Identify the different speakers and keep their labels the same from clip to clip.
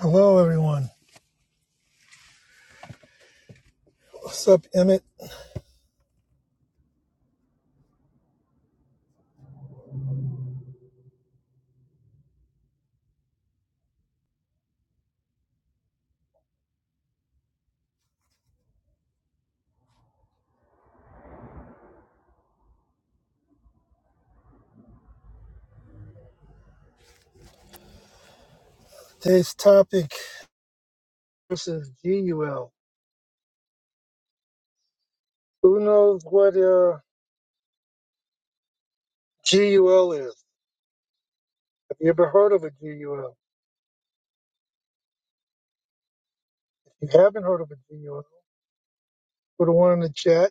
Speaker 1: Hello, everyone. What's up, Emmett? Today's topic this is GUL. Who knows what uh, GUL is? Have you ever heard of a GUL? If you haven't heard of a GUL, put a one in the chat.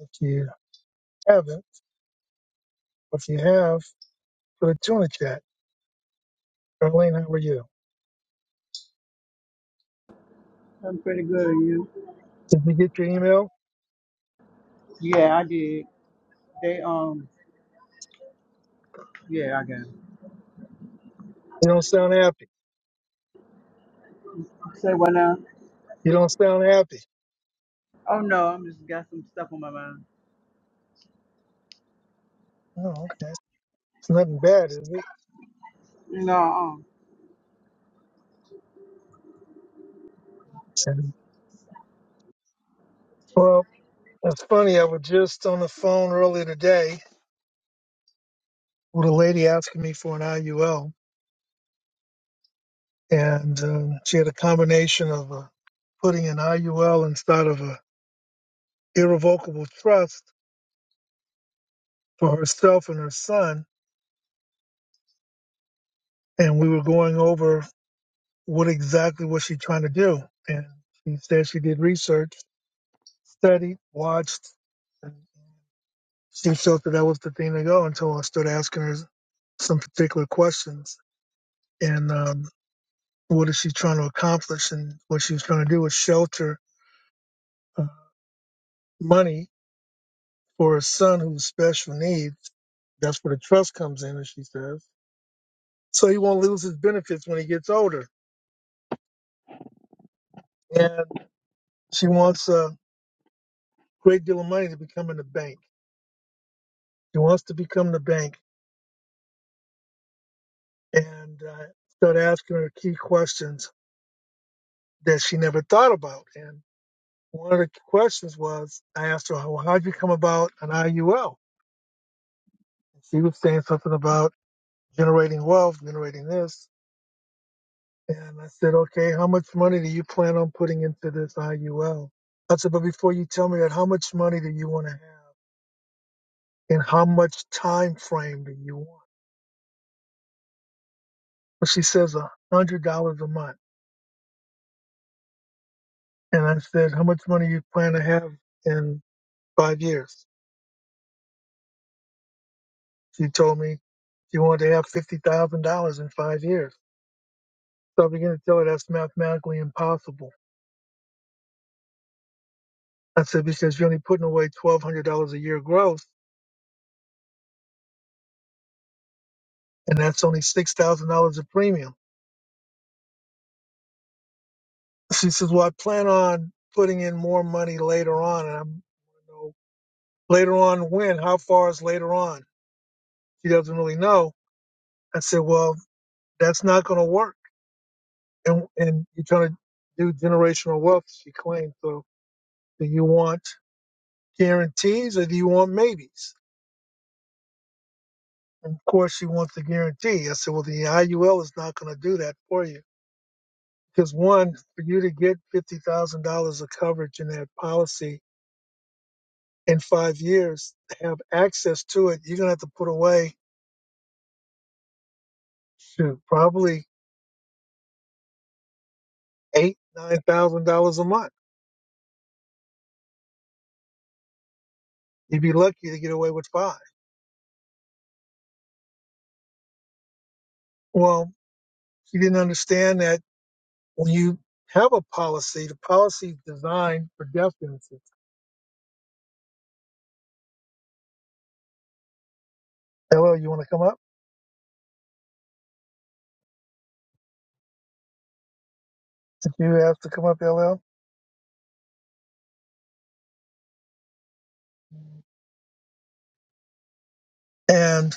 Speaker 1: If you haven't, or if you have, put a two in the chat. Darlene, how are you?
Speaker 2: I'm pretty good. And You?
Speaker 1: Did you get your email?
Speaker 2: Yeah, I did. They um. Yeah, I got. It.
Speaker 1: You don't sound happy.
Speaker 2: Say what now?
Speaker 1: You don't sound happy.
Speaker 2: Oh no, I'm just got some stuff on my mind.
Speaker 1: Oh, okay. It's nothing bad, is it?
Speaker 2: No.
Speaker 1: And, well, it's funny. I was just on the phone earlier today with a lady asking me for an IUL and um, she had a combination of uh, putting an IUL instead of a irrevocable trust for herself and her son. And we were going over what exactly was she trying to do. And she said she did research, studied, watched, and she felt that that was the thing to go until I started asking her some particular questions. And um, what is she trying to accomplish? And what she was trying to do was shelter uh, money for his son who's special needs. That's where the trust comes in, as she says. So he won't lose his benefits when he gets older. And she wants a great deal of money to become in the bank. She wants to become the bank and uh, start asking her key questions that she never thought about. And one of the questions was, I asked her, well, how'd you come about an IUL? She was saying something about generating wealth, generating this. And I said, okay, how much money do you plan on putting into this IUL? I said, but before you tell me that, how much money do you want to have? And how much time frame do you want? Well, she says a hundred dollars a month. And I said, how much money you plan to have in five years? She told me she wanted to have fifty thousand dollars in five years. So I began to tell her that's mathematically impossible. I said, because you're only putting away twelve hundred dollars a year gross and that's only six thousand dollars a premium. She says, "Well, I plan on putting in more money later on, and I'm you know, later on when? How far is later on?" She doesn't really know. I said, "Well, that's not going to work, and and you're trying to do generational wealth." She claims. So, do you want guarantees or do you want maybes? And of course, she wants the guarantee. I said, "Well, the IUL is not going to do that for you because one, for you to get fifty thousand dollars of coverage in that policy." in five years have access to it, you're gonna have to put away shoot, probably eight, nine thousand dollars a month. You'd be lucky to get away with five. Well, you didn't understand that when you have a policy, the policy is designed for death benefits. LL, you wanna come up? Did you have to come up, LL? And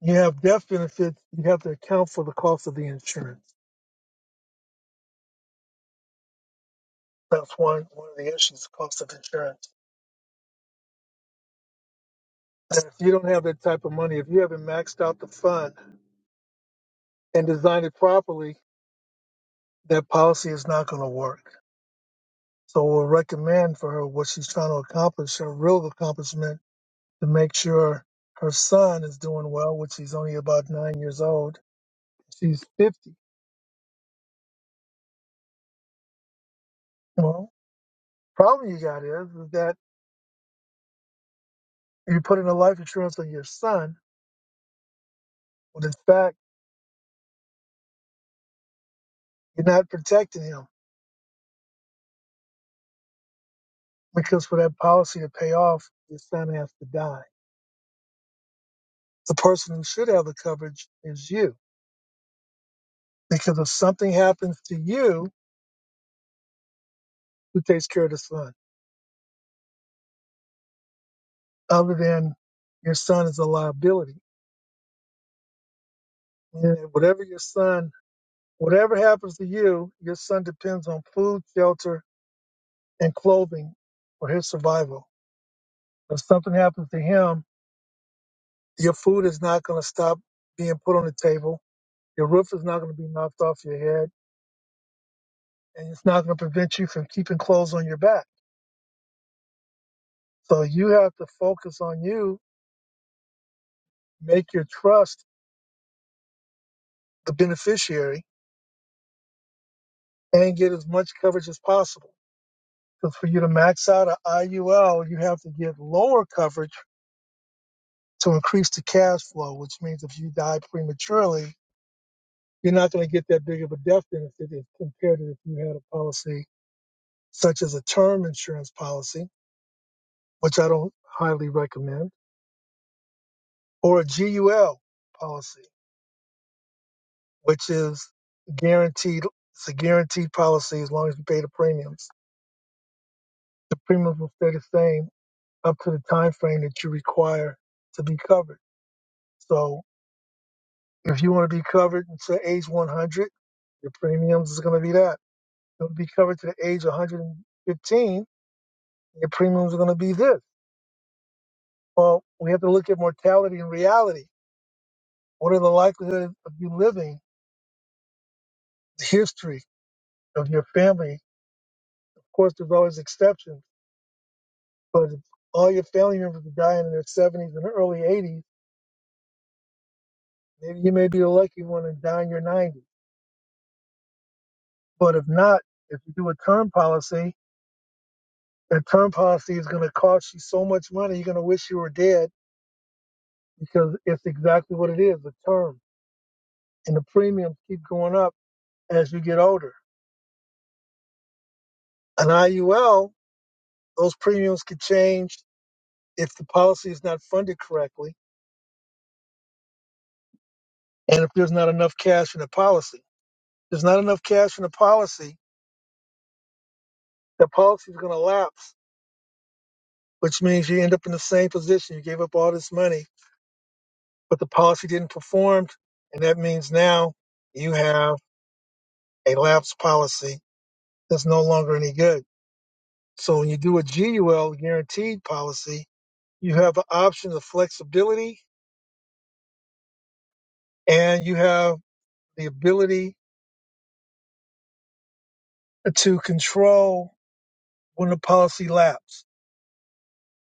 Speaker 1: you have death benefits, you have to account for the cost of the insurance. That's one one of the issues, cost of insurance. And if you don't have that type of money, if you haven't maxed out the fund and design it properly, that policy is not going to work. So we'll recommend for her what she's trying to accomplish, her real accomplishment, to make sure her son is doing well, which he's only about nine years old. She's 50. Well, problem you got is, is that you're putting a life insurance on your son, when in fact, you're not protecting him because for that policy to pay off, your son has to die. The person who should have the coverage is you because if something happens to you, who takes care of the son? other than your son is a liability. And whatever your son, whatever happens to you, your son depends on food, shelter, and clothing for his survival. If something happens to him, your food is not going to stop being put on the table. Your roof is not going to be knocked off your head, and it's not going to prevent you from keeping clothes on your back. So you have to focus on you, make your trust the beneficiary, and get as much coverage as possible. Because for you to max out an IUL, you have to get lower coverage to increase the cash flow, which means if you die prematurely, you're not going to get that big of a death benefit if compared to if you had a policy such as a term insurance policy, which I don't highly recommend, or a GUL policy, which is guaranteed. It's a guaranteed policy as long as you pay the premiums. The premiums will stay the same up to the time frame that you require to be covered. So If you want to be covered to age 100, your premiums is going to be that. If you want to be covered to the age 115, your premiums are going to be this. Well, we have to look at mortality and reality. What are the likelihood of you living? The history of your family. Of course, there's always exceptions, but if all your family members are dying in their 70s and early 80s, maybe you may be the lucky one and die in your 90s. But if not, if you do a term policy, that term policy is going to cost you so much money, you're going to wish you were dead because it's exactly what it is is—the term. And the premiums keep going up as you get older. An IUL, those premiums could change if the policy is not funded correctly and if there's not enough cash in the policy. There's not enough cash in the policy, the policy is going to lapse, which means you end up in the same position. You gave up all this money, but the policy didn't perform. And that means now you have a lapsed policy that's no longer any good. So when you do a GUL guaranteed policy, you have an option of flexibility and you have the ability to control when the policy lapses.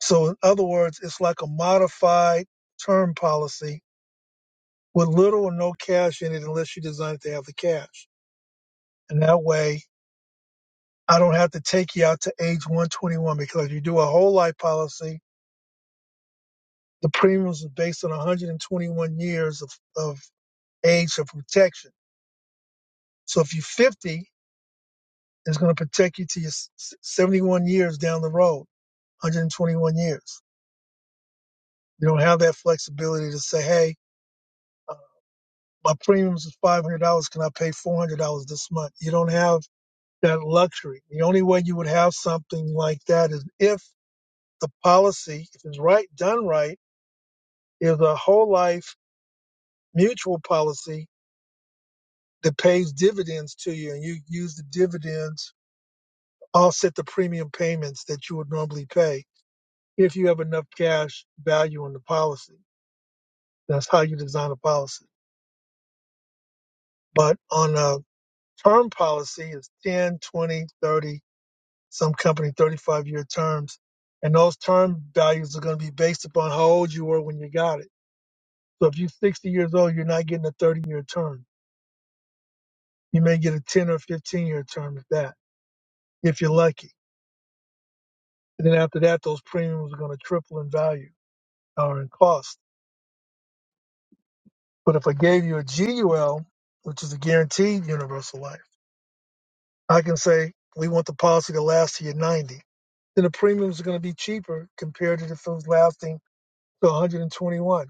Speaker 1: So in other words, it's like a modified term policy with little or no cash in it unless you design it to have the cash. And that way I don't have to take you out to age 121 because you do a whole life policy. The premiums are based on 121 years of, of age of protection. So if you're 50 It's going to protect you to your s- 71 years down the road, 121 years. You don't have that flexibility to say, hey, uh, my premiums is $500. Can I pay $400 this month? You don't have that luxury. The only way you would have something like that is if the policy, if it's right, done right, is a whole life mutual policy that pays dividends to you and you use the dividends to offset the premium payments that you would normally pay if you have enough cash value in the policy That's how you design a policy. But on a term policy, it's 10, 20, 30. some company 35 year terms. And those term values are going to be based upon how old you were when you got it. So if you're 60 years old, you're not getting a 30 year term. You may get a 10 or 15 year term at that, if you're lucky. And then after that, those premiums are going to triple in value or in cost. But if I gave you a GUL, which is a guaranteed universal life, I can say we want the policy to last to your 90. Then the premiums are going to be cheaper compared to if it was lasting to 121.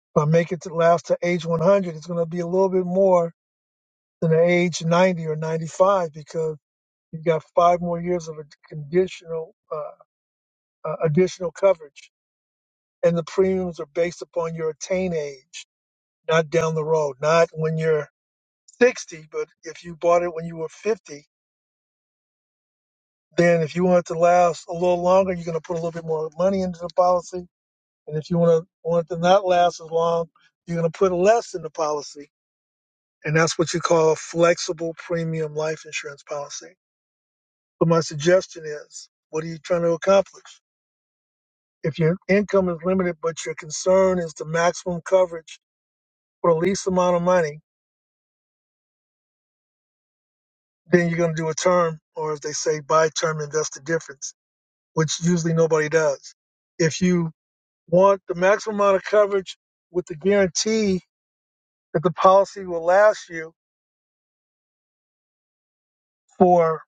Speaker 1: If I make it to last to age 100, it's going to be a little bit more than the age 90 or 95 because you've got five more years of a conditional uh, uh, additional coverage, and the premiums are based upon your attain age, not down the road, not when you're 60, but if you bought it when you were 50 Then, if you want it to last a little longer, you're going to put a little bit more money into the policy. And if you want to want it to not last as long, you're going to put less in the policy. And that's what you call a flexible premium life insurance policy. But my suggestion is, what are you trying to accomplish? If your income is limited, but your concern is the maximum coverage for the least amount of money, then you're going to do a term, or as they say, buy term, invest the difference, which usually nobody does. If you want the maximum amount of coverage with the guarantee that the policy will last you for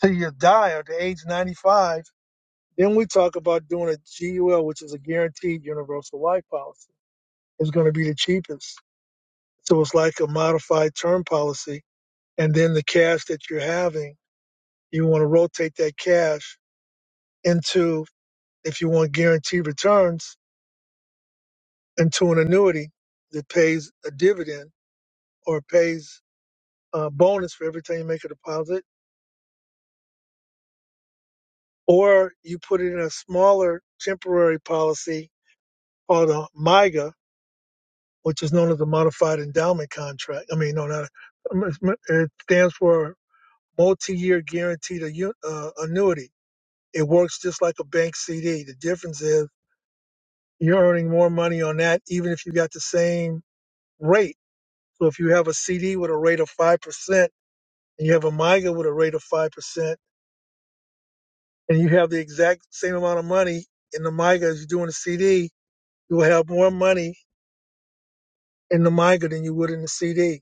Speaker 1: till you die or to age 95. Then we talk about doing a GUL, which is a guaranteed universal life policy. It's going to be the cheapest. So it's like a modified term policy. And then the cash that you're having, you want to rotate that cash into, if you want guaranteed returns, into an annuity that pays a dividend or pays a bonus for every time you make a deposit or you put it in a smaller temporary policy called a MIGA, which is known as a modified endowment contract. I mean, no, not it stands for multi-year guaranteed Annu- uh, annuity. It works just like a bank CD. The difference is you're earning more money on that, even if you got the same rate. So if you have a CD with a rate of five percent and you have a MIGA with a rate of five percent, and you have the exact same amount of money in the MIGA as you do in the CD, you will have more money in the MIGA than you would in the CD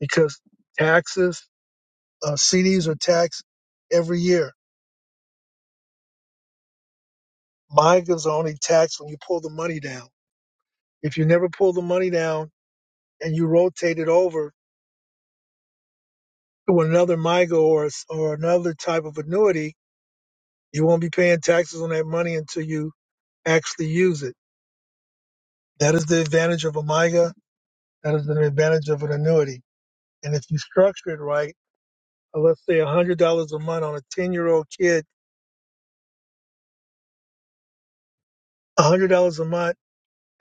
Speaker 1: because taxes, uh, CDs are taxed every year. MIGAs are only taxed when you pull the money down. If you never pull the money down and you rotate it over to another MIGA or, s- or another type of annuity, you won't be paying taxes on that money until you actually use it. That is the advantage of a MIGA. That is the advantage of an annuity. And if you structure it right, uh, let's say $100 a month on a 10 year old kid, $100 a month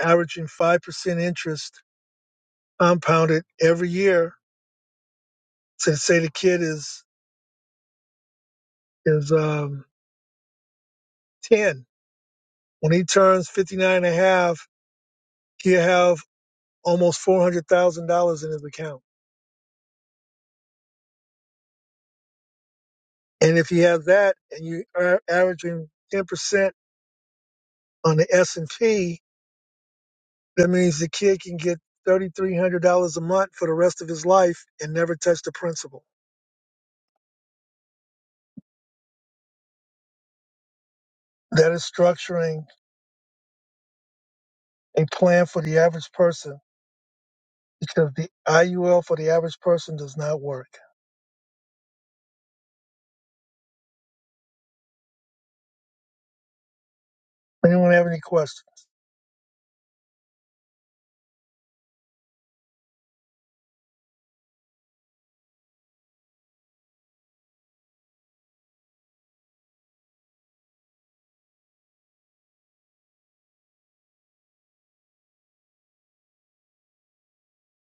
Speaker 1: averaging 5% interest compounded every year since say the kid is is um 10 when he turns 59 he'll have almost $400000 in his account and if he has that and you are averaging 10% on the s&p that means the kid can get $3300 a month for the rest of his life and never touch the principal that is structuring a plan for the average person because the iul for the average person does not work Anyone have any questions?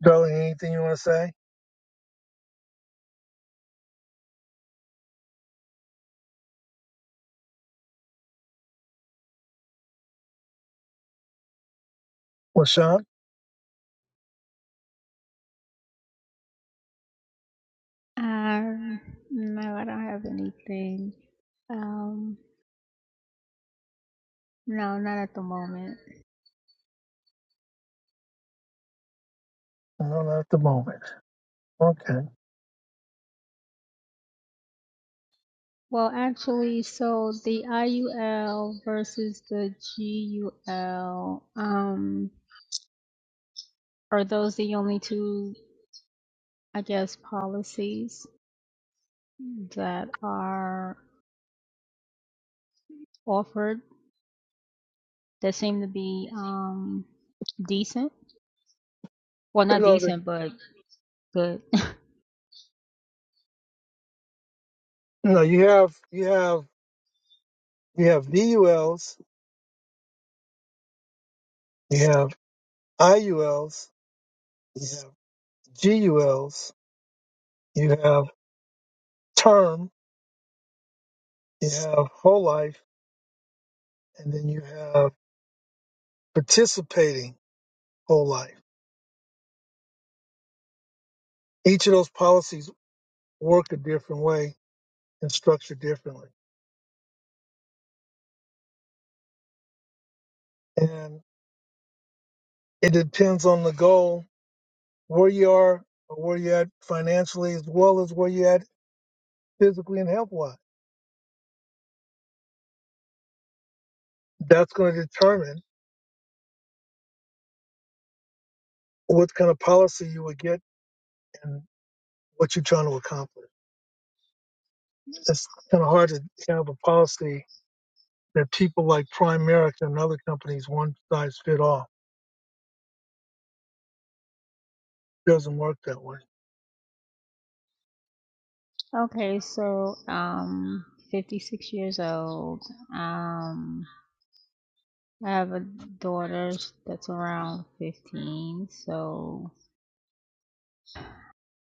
Speaker 1: Darling, anything you want to say? LaShawn?
Speaker 3: Um, no, I don't have anything. Um, no, not at the moment.
Speaker 1: No, not at the moment. Okay.
Speaker 3: Well, actually, so the IUL versus the GUL, um, are those the only two, I guess, policies that are offered that seem to be um decent? Well, not
Speaker 1: No, the,
Speaker 3: decent, but good.
Speaker 1: no, you have you have you have VULs, you have IULs, you have GULs, you have term, you have whole life, and then you have participating whole life. Each of those policies work a different way and structured differently. And it depends on the goal, where you are or where you're at financially as well as where you're at physically and health wise. That's going to determine what kind of policy you will get and what you're trying to accomplish. It's kind of hard to have a policy that people like Primerica and other companies one size fit all. doesn't work that way.
Speaker 3: Okay, so um, 56 years old. Um. I have a daughter s- that's around 15, so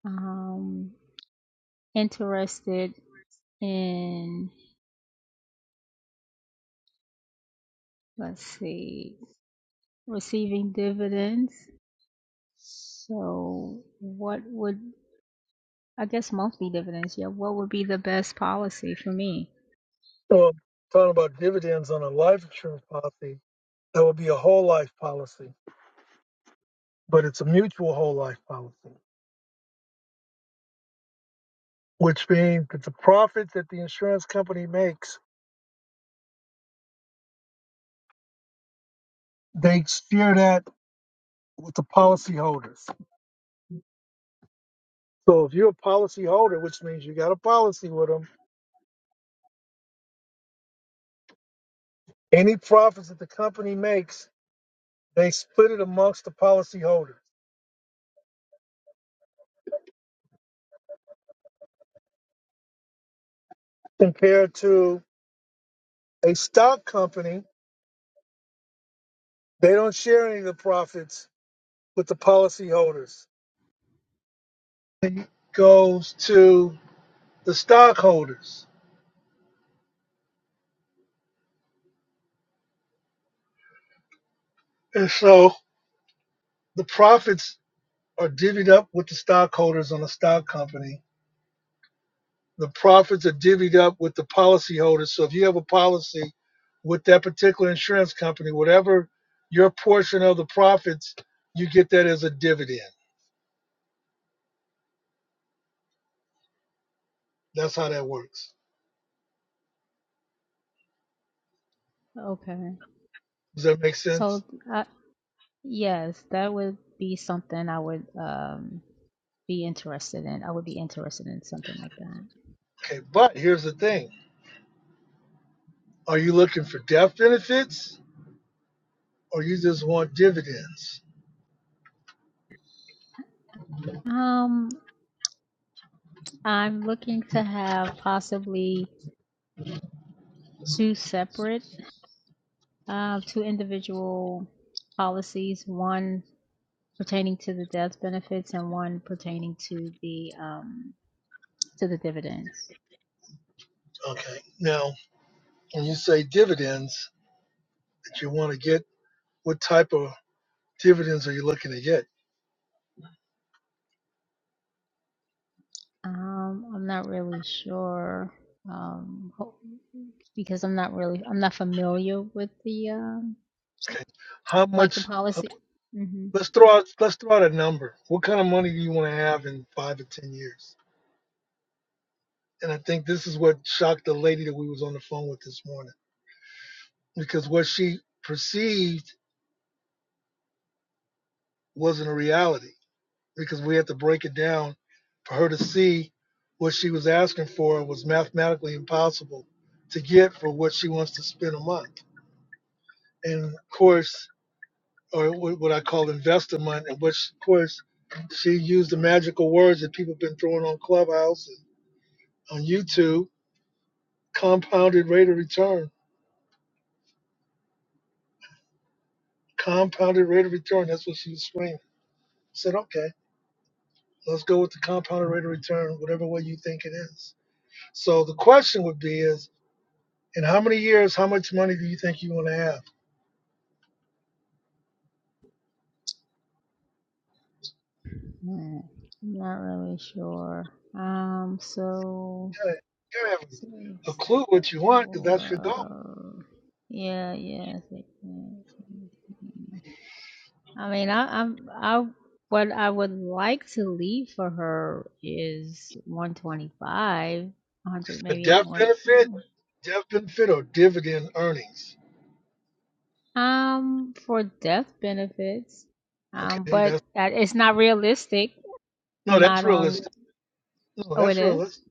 Speaker 3: um interested in let's see, receiving dividends. So what would I guess monthly dividends, yeah, what would be the best policy for me?
Speaker 1: So talking about dividends on a life insurance policy, that would be a whole life policy, but it's a mutual whole life policy, which means that the profit that the insurance company makes, they share that with the policyholders So if you're a policy holder, which means you got a policy with them, any profits that the company makes, they split it amongst the policy holders. Compared to a stock company, they don't share any of the profits with the policy holders. It goes to the stockholders. And so the profits are divvied up with the stockholders on a stock company The profits are divvied up with the policyholders. So if you have a policy with that particular insurance company, whatever your portion of the profits, you get that as a dividend. That's how that works.
Speaker 3: Okay.
Speaker 1: Does that make
Speaker 3: So
Speaker 1: sense?
Speaker 3: uh, yes, that would be something I would um be interested in. I would be interested in something like that.
Speaker 1: Okay, but here's the thing. Are you looking for death benefits or you just want dividends?
Speaker 3: Um, I'm looking to have possibly two separate, uh, two individual policies, one pertaining to the death benefits and one pertaining to the um, to the dividends.
Speaker 1: Okay. Now, when you say dividends that you want to get, what type of dividends are you looking to get?
Speaker 3: Um, I'm not really sure um, because I'm not really I'm not familiar with the um,
Speaker 1: Okay. How
Speaker 3: like the
Speaker 1: much uh,
Speaker 3: policy. hmm
Speaker 1: Let's throw out let's throw out a number. What kind of money do you want to have in five or ten years? And I think this is what shocked the lady that we was on the phone with this morning. Because what she perceived wasn't a reality. Because we had to break it down for her to see what she was asking for was mathematically impossible to get for what she wants to spend a month. And of course, or wh- what I call investor month, and which of course she used the magical words that people have been throwing on Clubhouse and on YouTube compounded rate of return. Compounded rate of return. That's what she was screaming. I said, okay, let's go with the compounded rate of return, whatever way you think it is. So the question would be is, in how many years, how much money do you think you want to have?
Speaker 3: I'm not really sure. Um, so
Speaker 1: You gotta, you gotta have a
Speaker 3: Six.
Speaker 1: clue what you want because that's your goal.
Speaker 3: Wow. Yeah, yeah. Six, nine, eighteen. I mean, I, I'm, I, what I would like to leave for her is 125,
Speaker 1: It's
Speaker 3: 100,
Speaker 1: the
Speaker 3: maybe
Speaker 1: death
Speaker 3: one.
Speaker 1: benefit, death benefit or dividend earnings.
Speaker 3: Um, for death benefits. Um,
Speaker 1: Okay,
Speaker 3: but
Speaker 1: that's
Speaker 3: that it's not realistic.
Speaker 1: no, that's
Speaker 3: Not on.
Speaker 1: realistic. No,
Speaker 3: Oh, it
Speaker 1: that's
Speaker 3: is.
Speaker 1: realistic.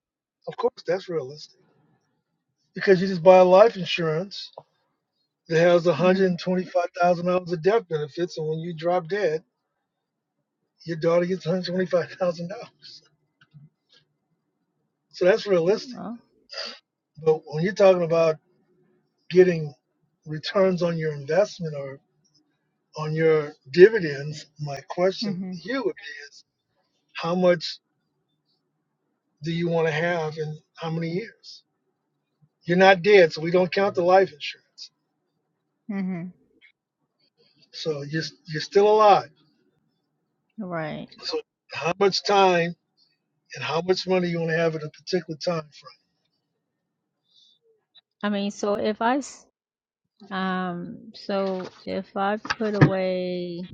Speaker 1: Of course, that's realistic because you just buy life insurance that has
Speaker 3: Mhm.
Speaker 1: $125,000 of death benefits, and when you drop dead, your daughter gets $125,000. So that's realistic.
Speaker 3: Oh.
Speaker 1: But when you're talking about getting returns on your investment or on your dividends, my question
Speaker 3: Mhm.
Speaker 1: to you would be is how much do you want to have in how many years? You're not dead, so we don't count the life insurance.
Speaker 3: Mhm.
Speaker 1: So you're, you're still alive.
Speaker 3: Right.
Speaker 1: So how much time and how much money you want to have at a particular time
Speaker 3: I mean, so if I s- Um, so if I put away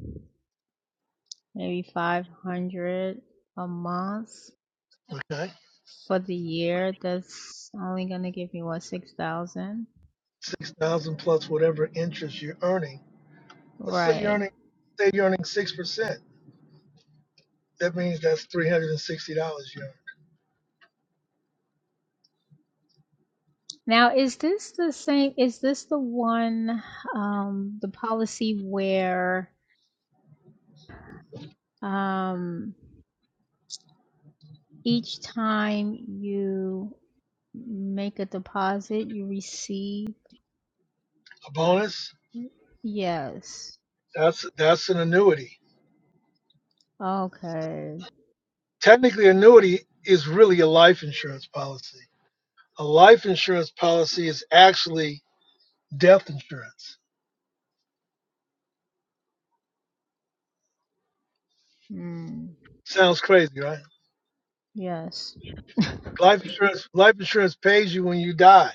Speaker 3: maybe 500 a month
Speaker 1: frame? Okay.
Speaker 3: for the year, that's only going to give me what, 6,000?
Speaker 1: six thousand plus whatever interest you're earning. Let's say you're
Speaker 3: Right.
Speaker 1: earning say you're earning six percent. That means that's three hundred and sixty dollars you earn.
Speaker 3: Now, is this the same? Is this the one, um, the policy where, um, each time you make a deposit, you receive?
Speaker 1: A bonus,
Speaker 3: Yes.
Speaker 1: that's that's an annuity.
Speaker 3: Okay.
Speaker 1: Technically annuity is really a life insurance policy. A life insurance policy is actually death insurance.
Speaker 3: Mm.
Speaker 1: Sounds crazy, right?
Speaker 3: Yes.
Speaker 1: Life insurance life insurance pays you when you die.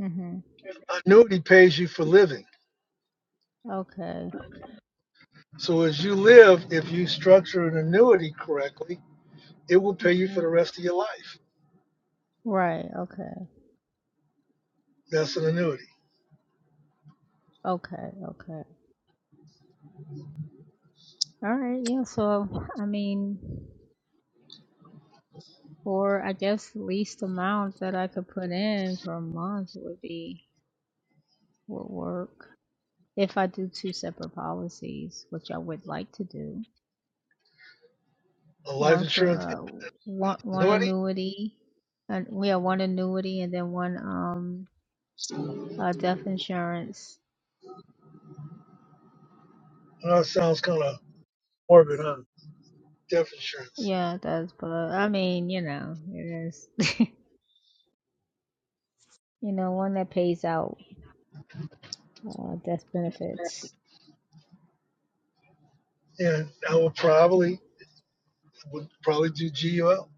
Speaker 3: Mhm.
Speaker 1: Annuity pays you for living.
Speaker 3: Okay.
Speaker 1: So as you live, if you structure an annuity correctly, it will pay you for
Speaker 3: Okay.
Speaker 1: the rest of your life
Speaker 3: Right. Okay.
Speaker 1: That's an annuity.
Speaker 3: Okay. Okay. All right. Yeah. So, I mean, for I guess least amount that I could put in per month would be would work if I do two separate policies, which I would like to do.
Speaker 1: A life
Speaker 3: One for
Speaker 1: insurance
Speaker 3: uh one one
Speaker 1: annuity?
Speaker 3: annuity, and we have one annuity and then one um uh death insurance.
Speaker 1: Well, that sounds kind of morbid, huh? Death insurance.
Speaker 3: Yeah, that's but I mean, you know, it is. you know, one that pays out uh, death benefits.
Speaker 1: And I would
Speaker 3: Some,
Speaker 1: probably would probably do GUL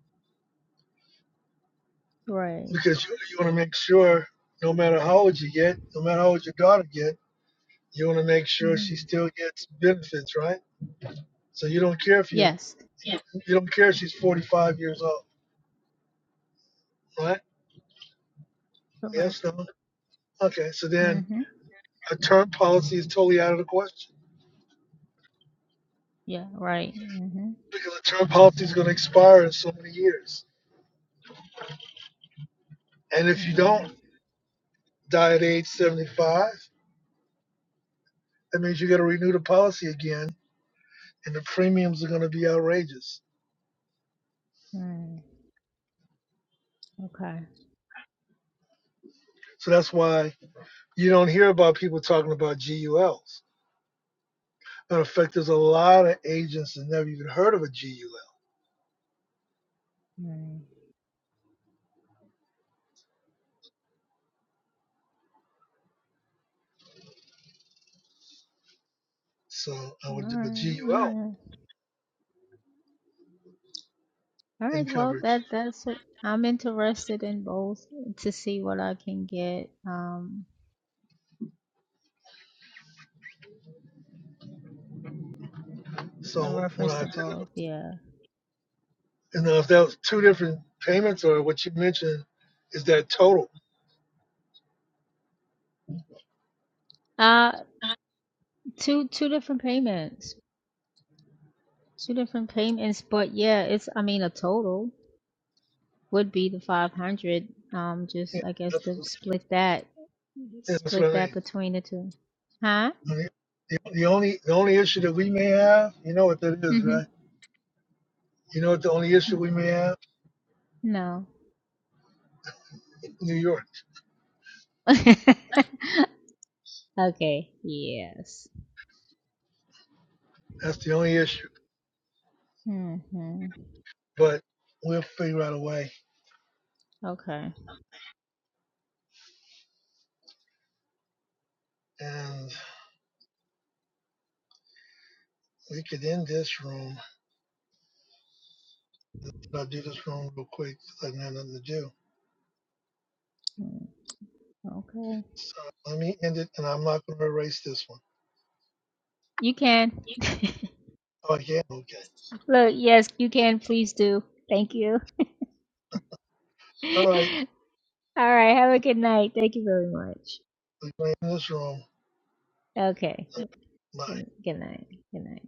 Speaker 3: right.
Speaker 1: because you, you want to make sure no matter how old you get, no matter how old your daughter get, you want to make sure
Speaker 3: hmm
Speaker 1: she still gets benefits, right? So you don't care if you
Speaker 3: Yes,
Speaker 1: yeah. you don't care if she's 45 years old, right? Yes,
Speaker 3: correct.
Speaker 1: no. Okay, so
Speaker 3: hmm
Speaker 1: then a term policy is totally out of the question
Speaker 3: Yeah, right. hmm
Speaker 1: because a term policy is going to expire in so many years. And if you don't
Speaker 3: Mm,
Speaker 1: die at age 75, that means you got to renew the policy again, and the premiums are going to be outrageous.
Speaker 3: mm, okay.
Speaker 1: So that's why you don't hear about people talking about GULs. Matter of fact, there's a lot of agents that never even heard of a GUL.
Speaker 3: Mm.
Speaker 1: So I
Speaker 3: All
Speaker 1: would do
Speaker 3: right.
Speaker 1: a GUL
Speaker 3: Yeah. All
Speaker 1: in
Speaker 3: right. Well,
Speaker 1: coverage.
Speaker 3: that that's what I'm interested in both to see what I can get um in
Speaker 1: So when
Speaker 3: reference
Speaker 1: I
Speaker 3: to
Speaker 1: did,
Speaker 3: both.
Speaker 1: it,
Speaker 3: Yeah.
Speaker 1: and now if that was two different payments or what you mentioned, is that total?
Speaker 3: Uh, two two different payments. Two different payments, but yeah, it's I mean a total. would be the 500 um just
Speaker 1: Yeah,
Speaker 3: i guess
Speaker 1: that's,
Speaker 3: to split that
Speaker 1: yeah, that's what
Speaker 3: split
Speaker 1: I
Speaker 3: that
Speaker 1: mean.
Speaker 3: between the two huh
Speaker 1: I mean, the, the only the only issue that we may have, you know what that is,
Speaker 3: mm-hmm
Speaker 1: right? You know what the only issue we may have?
Speaker 3: no
Speaker 1: New York.
Speaker 3: okay yes
Speaker 1: That's the only issue.
Speaker 3: hmm
Speaker 1: But we'll figure out a way.
Speaker 3: okay
Speaker 1: And we could end this room. I'll do this room real quick 'cause I didn't have nothing to do.
Speaker 3: Mm, okay
Speaker 1: So let me end it, and I'm not going to erase this one.
Speaker 3: you can
Speaker 1: Oh, yeah? Okay.
Speaker 3: look yes you can please do thank you all
Speaker 1: All right.
Speaker 3: right have a good night thank you very much
Speaker 1: We're going to end this room.
Speaker 3: okay
Speaker 1: Bye.
Speaker 3: good, good night good night